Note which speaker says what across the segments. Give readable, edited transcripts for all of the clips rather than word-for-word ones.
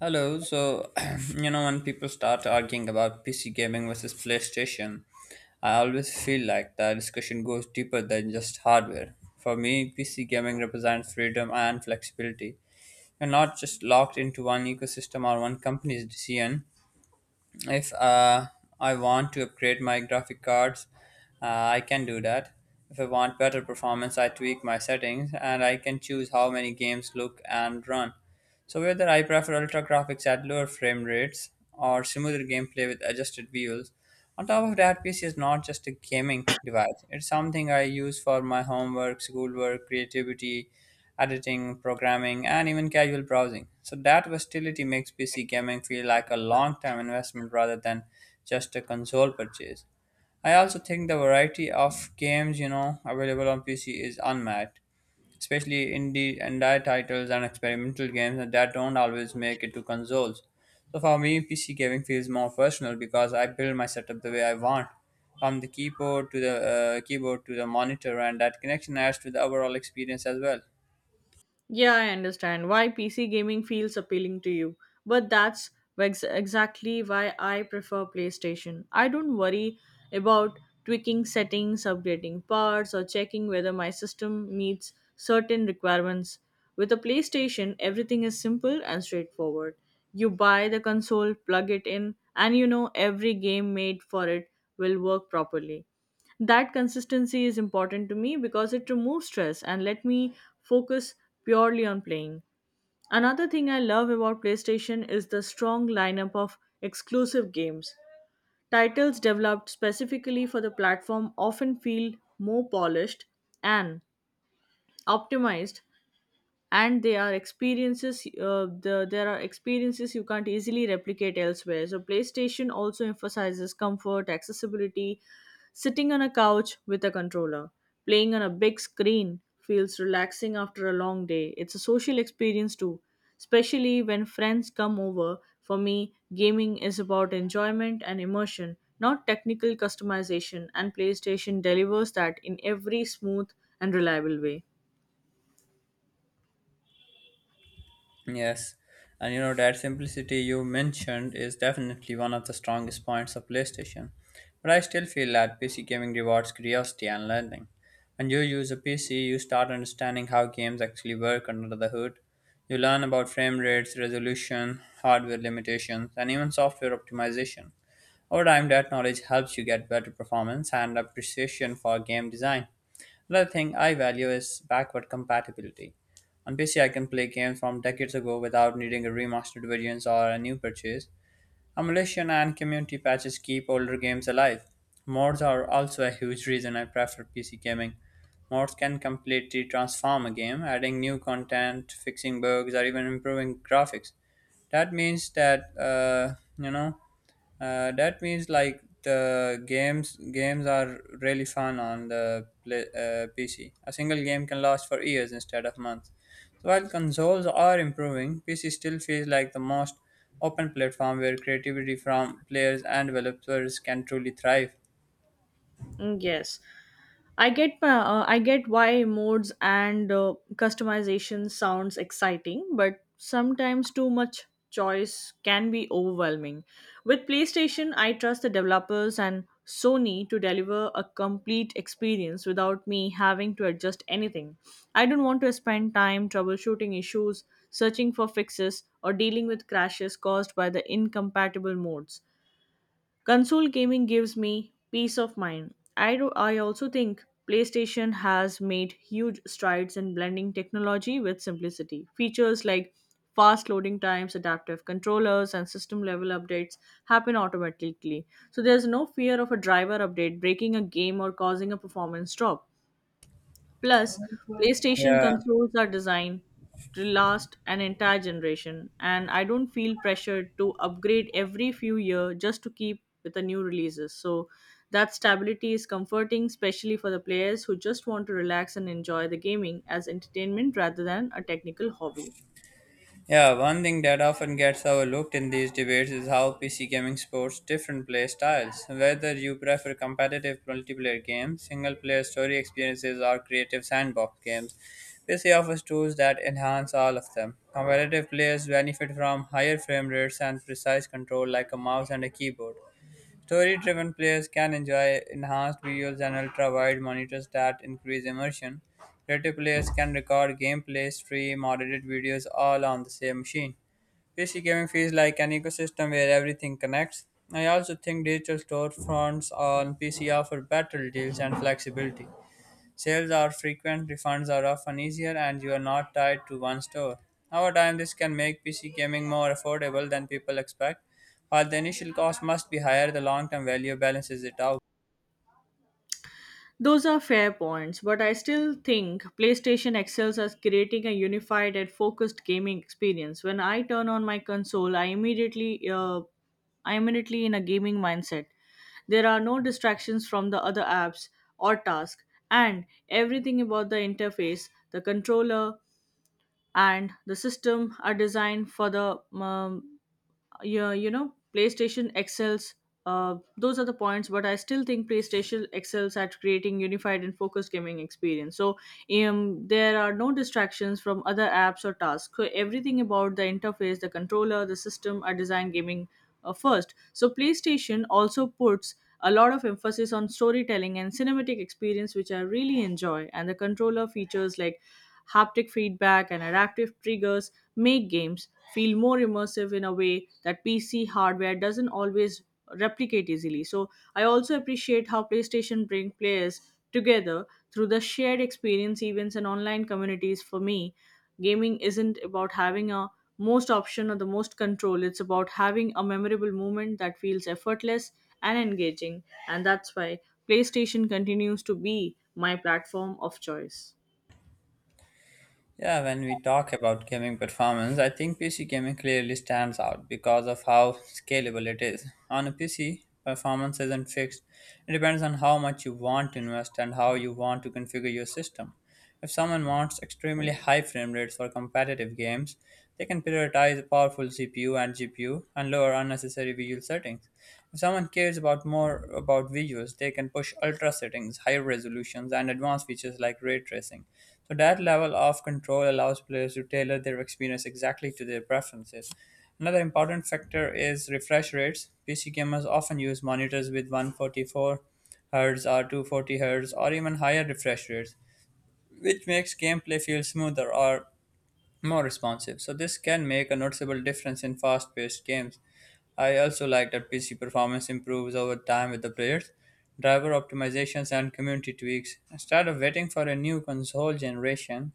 Speaker 1: Hello, so you know when people start arguing about PC gaming versus PlayStation, I always feel like the discussion goes deeper than just hardware. For me, PC gaming represents freedom and flexibility. You're not just locked into one ecosystem or one company's decision. If I want to upgrade my graphic cards, I can do that. If I want better performance, I tweak my settings and I can choose how many games look and run. So whether I prefer ultra graphics at lower frame rates or smoother gameplay with adjusted views, on top of that, PC is not just a gaming device. It's something I use for my homework, schoolwork, creativity, editing, programming, and even casual browsing. So that versatility makes PC gaming feel like a long-term investment rather than just a console purchase. I also think the variety of games, available on PC is unmatched, especially indie titles and experimental games that don't always make it to consoles. So for me, PC gaming feels more personal because I build my setup the way I want, from the keyboard to the monitor, and that connection adds to the overall experience as well.
Speaker 2: Yeah, I understand why PC gaming feels appealing to you, but that's exactly why I prefer PlayStation. I don't worry about tweaking settings, upgrading parts, or checking whether my system meets certain requirements. With a PlayStation, everything is simple and straightforward. You buy the console, plug it in, and you know every game made for it will work properly. That consistency is important to me because it removes stress and let me focus purely on playing. Another thing I love about PlayStation is the strong lineup of exclusive games. Titles developed specifically for the platform often feel more polished and optimized, and they are experiences the, there are experiences you can't easily replicate elsewhere. So PlayStation also emphasizes comfort, accessibility. Sitting on a couch with a controller, playing on a big screen feels relaxing after a long day. It's a social experience too, especially when friends come over. For me, gaming is about enjoyment and immersion, not technical customization, and PlayStation delivers that in every smooth and reliable way.
Speaker 1: Yes, and you know that simplicity you mentioned is definitely one of the strongest points of PlayStation. But I still feel that PC gaming rewards curiosity and learning. When you use a PC, you start understanding how games actually work under the hood. You learn about frame rates, resolution, hardware limitations, and even software optimization. Over time, that knowledge helps you get better performance and appreciation for game design. Another thing I value is backward compatibility. On PC, I can play games from decades ago without needing a remastered versions or a new purchase. Emulation and community patches keep older games alive. Mods are also a huge reason I prefer PC gaming. Mods can completely transform a game, adding new content, fixing bugs, or even improving graphics. That means that you know that means like the games are really fun on the PC. A single game can last for years instead of months. While consoles are improving, PC still feels like the most open platform where creativity from players and developers can truly thrive.
Speaker 2: Mm, yes. I get why modes and customization sounds exciting, but sometimes too much choice can be overwhelming. With PlayStation, I trust the developers and Sony to deliver a complete experience without me having to adjust anything. I don't want to spend time troubleshooting issues, searching for fixes, or dealing with crashes caused by the incompatible modes. Console gaming gives me peace of mind. I also think PlayStation has made huge strides in blending technology with simplicity. Features like fast loading times, adaptive controllers, and system level updates happen automatically. So there's no fear of a driver update breaking a game or causing a performance drop. Plus, PlayStation
Speaker 1: Yeah,
Speaker 2: consoles are designed to last an entire generation, and I don't feel pressured to upgrade every few years just to keep with the new releases. So, that stability is comforting, especially for the players who just want to relax and enjoy the gaming as entertainment rather than a technical hobby.
Speaker 1: yeah. One thing that often gets overlooked in these debates is how PC gaming supports different play styles. Whether you prefer competitive multiplayer games, single-player story experiences, or creative sandbox games, PC offers tools that enhance all of them. Competitive players benefit from higher frame rates and precise control, like a mouse and a keyboard. Story driven players can enjoy enhanced visuals and ultra wide monitors that increase immersion. Creative players can record gameplay, stream, or edit videos all on the same machine. PC gaming feels like an ecosystem where everything connects. I also think digital storefronts on PC offer better deals and flexibility. Sales are frequent, refunds are often easier, and you are not tied to one store. Over time, this can make PC gaming more affordable than people expect. While the initial cost must be higher, the long term value balances it out.
Speaker 2: Those are fair points, but I still think PlayStation excels at creating a unified and focused gaming experience. When I turn on my console, I immediately in a gaming mindset. There are no distractions from the other apps or tasks, and everything about the interface, the controller, and the system are designed for the PlayStation excels. Those are the points, but I still think PlayStation excels at creating unified and focused gaming experience. So, there are no distractions from other apps or tasks. So everything about the interface, the controller, the system are designed gaming first. So, PlayStation also puts a lot of emphasis on storytelling and cinematic experience, which I really enjoy. And the controller features like haptic feedback and adaptive triggers make games feel more immersive in a way that PC hardware doesn't always replicate easily. So I also appreciate how PlayStation bring players together through the shared experience events and online communities. For me, gaming isn't about having a most option or the most control. It's about having a memorable moment that feels effortless and engaging. And that's why PlayStation continues to be my platform of choice.
Speaker 1: Yeah, when we talk about gaming performance, I think PC gaming clearly stands out because of how scalable it is. On a PC, performance isn't fixed, it depends on how much you want to invest and how you want to configure your system. If someone wants extremely high frame rates for competitive games, they can prioritize a powerful CPU and GPU and lower unnecessary visual settings. If someone cares about more about visuals, they can push ultra settings, higher resolutions, and advanced features like ray tracing. So that level of control allows players to tailor their experience exactly to their preferences. Another important factor is refresh rates. PC gamers often use monitors with 144 Hz or 240 Hz or even higher refresh rates, which makes gameplay feel smoother or more responsive. So this can make a noticeable difference in fast-paced games. I also like that PC performance improves over time with the players, driver optimizations, and community tweaks. Instead of waiting for a new console generation,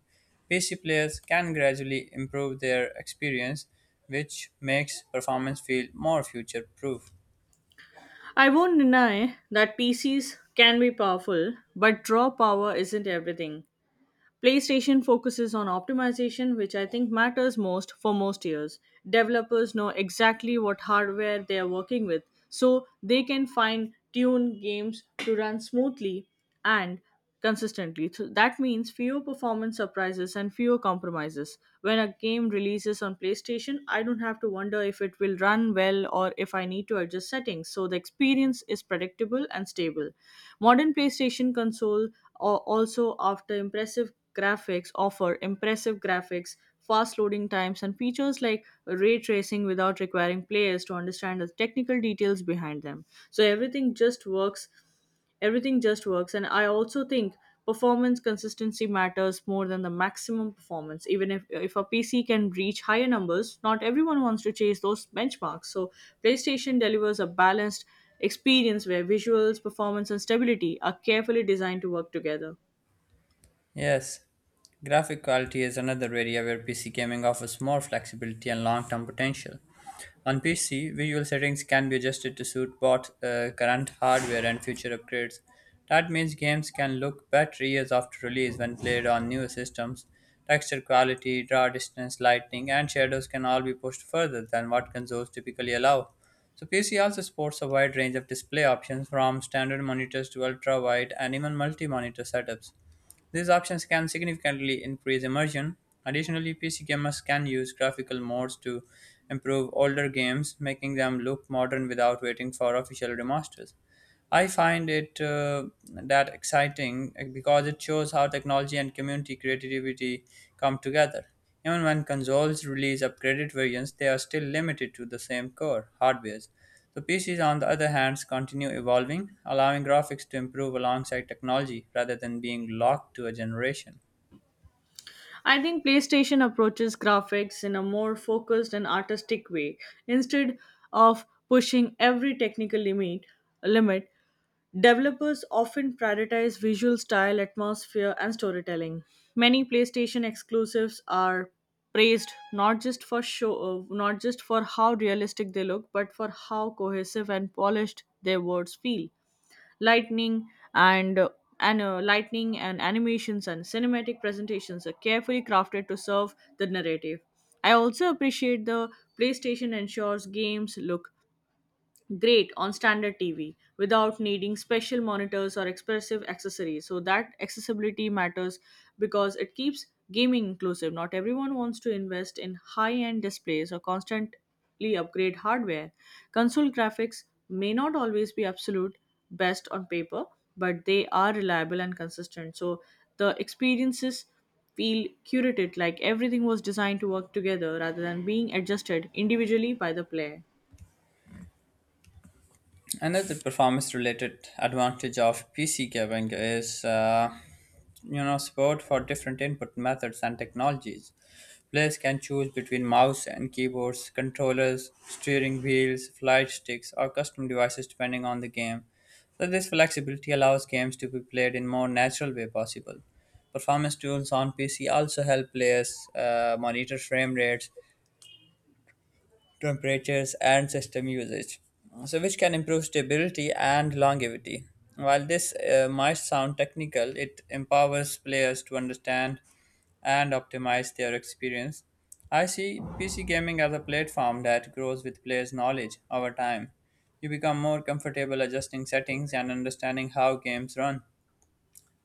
Speaker 1: PC players can gradually improve their experience, which makes performance feel more future-proof.
Speaker 2: I won't deny that PCs can be powerful, but draw power isn't everything. PlayStation focuses on optimization, which I think matters most for most years. Developers know exactly what hardware they are working with, so they can fine tune games to run smoothly and consistently. So that means fewer performance surprises and fewer compromises. When a game releases on PlayStation, I don't have to wonder if it will run well or if I need to adjust settings, so the experience is predictable and stable. Modern PlayStation console al- also after impressive graphics offer impressive graphics, fast loading times, and features like ray tracing without requiring players to understand the technical details behind them. So everything just works. And I also think performance consistency matters more than the maximum performance. Even if a PC can reach higher numbers, not everyone wants to chase those benchmarks. So PlayStation delivers a balanced experience where visuals, performance, and stability are carefully designed to work together.
Speaker 1: Yes, graphic quality is another area where PC gaming offers more flexibility and long term potential. On PC, visual settings can be adjusted to suit both current hardware and future upgrades. That means games can look better years after release when played on newer systems. Texture quality, draw distance, lighting, and shadows can all be pushed further than what consoles typically allow. So, PC also supports a wide range of display options from standard monitors to ultra wide and even multi monitor setups. These options can significantly increase immersion. Additionally, PC gamers can use graphical mods to improve older games, making them look modern without waiting for official remasters. I find it that exciting because it shows how technology and community creativity come together. Even when consoles release upgraded versions, they are still limited to the same core hardwares. The PCs, on the other hand, continue evolving, allowing graphics to improve alongside technology rather than being locked to a generation.
Speaker 2: I think PlayStation approaches graphics in a more focused and artistic way. Instead of pushing every technical limit, developers often prioritize visual style, atmosphere, and storytelling. Many PlayStation exclusives are praised not just for how realistic they look, but for how cohesive and polished their words feel. Lightning and and uh, lightning and animations and cinematic presentations are carefully crafted to serve the narrative. I also appreciate the PlayStation ensures games look great on standard TV without needing special monitors or expensive accessories. So that accessibility matters because it keeps gaming inclusive. Not everyone wants to invest in high-end displays or constantly upgrade hardware. Console graphics may not always be absolute best on paper, but they are reliable and consistent. So the experiences feel curated, like everything was designed to work together rather than being adjusted individually by the player.
Speaker 1: Another performance related advantage of PC gaming is support for different input methods and technologies. Players can choose between mouse and keyboards, controllers, steering wheels, flight sticks, or custom devices depending on the game. So this flexibility allows games to be played in more natural way possible. Performance tools on PC also help players monitor frame rates, temperatures, and system usage, so which can improve stability and longevity. While this might sound technical, it empowers players to understand and optimize their experience. I see PC gaming as a platform that grows with players' knowledge over time. You become more comfortable adjusting settings and understanding how games run.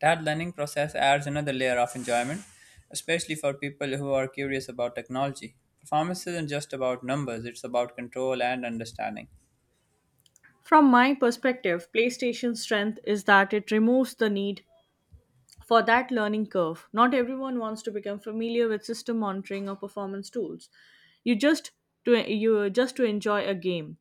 Speaker 1: That learning process adds another layer of enjoyment, especially for people who are curious about technology. Performance isn't just about numbers, it's about control and understanding.
Speaker 2: From my perspective, PlayStation's strength is that it removes the need for that learning curve. Not everyone wants to become familiar with system monitoring or performance tools. You just you just to enjoy a game.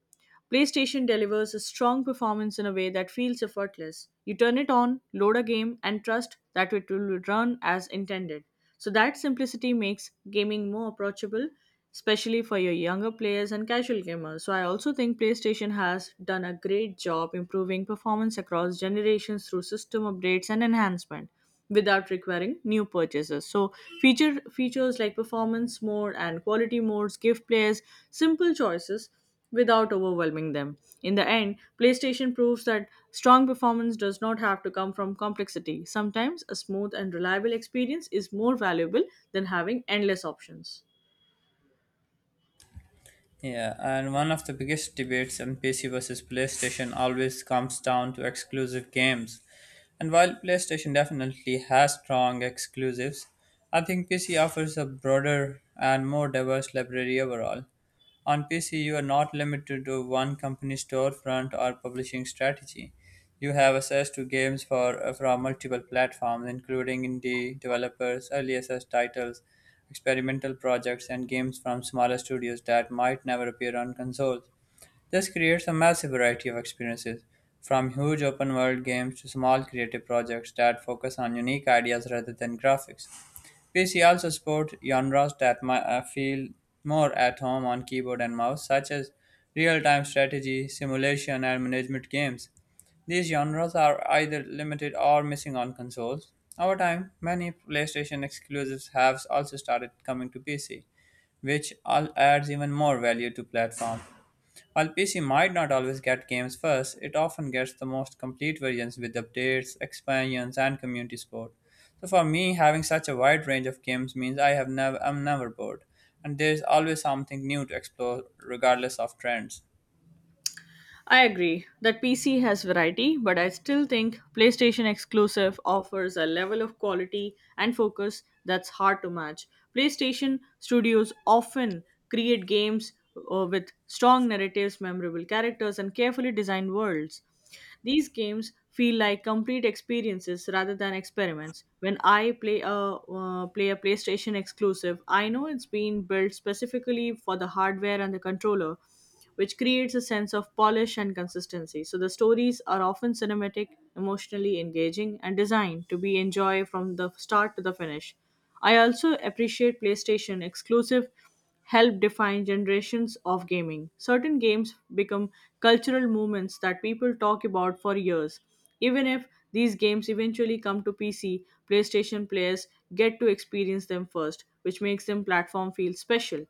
Speaker 2: PlayStation delivers a strong performance in a way that feels effortless. You turn it on, load a game, and trust that it will run as intended. So, that simplicity makes gaming more approachable, especially for your younger players and casual gamers. So, I also think PlayStation has done a great job improving performance across generations through system updates and enhancement without requiring new purchases. So features like performance mode and quality modes give players simple choices without overwhelming them. In the end, PlayStation proves that strong performance does not have to come from complexity. Sometimes a smooth and reliable experience is more valuable than having endless options.
Speaker 1: Yeah, and one of the biggest debates on PC versus PlayStation always comes down to exclusive games. And while PlayStation definitely has strong exclusives, I think PC offers a broader and more diverse library overall. On PC, you are not limited to one company storefront or publishing strategy. You have access to games from multiple platforms, including indie developers, early access titles, experimental projects, and games from smaller studios that might never appear on consoles. This creates a massive variety of experiences, from huge open world games to small creative projects that focus on unique ideas rather than graphics. PC also supports genres that feel more at home on keyboard and mouse, such as real-time strategy, simulation, and management games. These genres are either limited or missing on consoles. Over time, many PlayStation exclusives have also started coming to PC, which all adds even more value to platform. While PC might not always get games first, it often gets the most complete versions with updates, expansions, and community support. So for me, having such a wide range of games means I'm never bored, and there's always something new to explore regardless of trends.
Speaker 2: I agree that PC has variety, but I still think PlayStation exclusive offers a level of quality and focus that's hard to match. PlayStation studios often create games with strong narratives, memorable characters, and carefully designed worlds. These games feel like complete experiences rather than experiments. When I play a PlayStation exclusive, I know it's been built specifically for the hardware and the controller, which creates a sense of polish and consistency. So the stories are often cinematic, emotionally engaging, and designed to be enjoyed from the start to the finish. I also appreciate PlayStation exclusive helped define generations of gaming. Certain games become cultural movements that people talk about for years. Even if these games eventually come to PC, PlayStation players get to experience them first, which makes them platform feel special.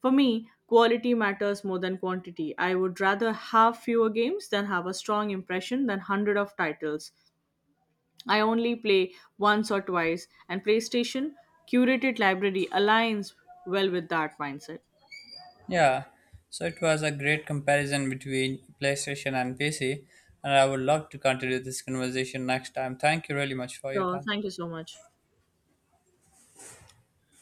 Speaker 2: For me, quality matters more than quantity. I would rather have fewer games than have a strong impression than hundred of titles. I only play once or twice, and PlayStation curated library aligns well with that mindset.
Speaker 1: Yeah, so it was a great comparison between PlayStation and PC, and I would love to continue this conversation next time. Thank you really much for your
Speaker 2: Sure.
Speaker 1: time.
Speaker 2: Thank you so much.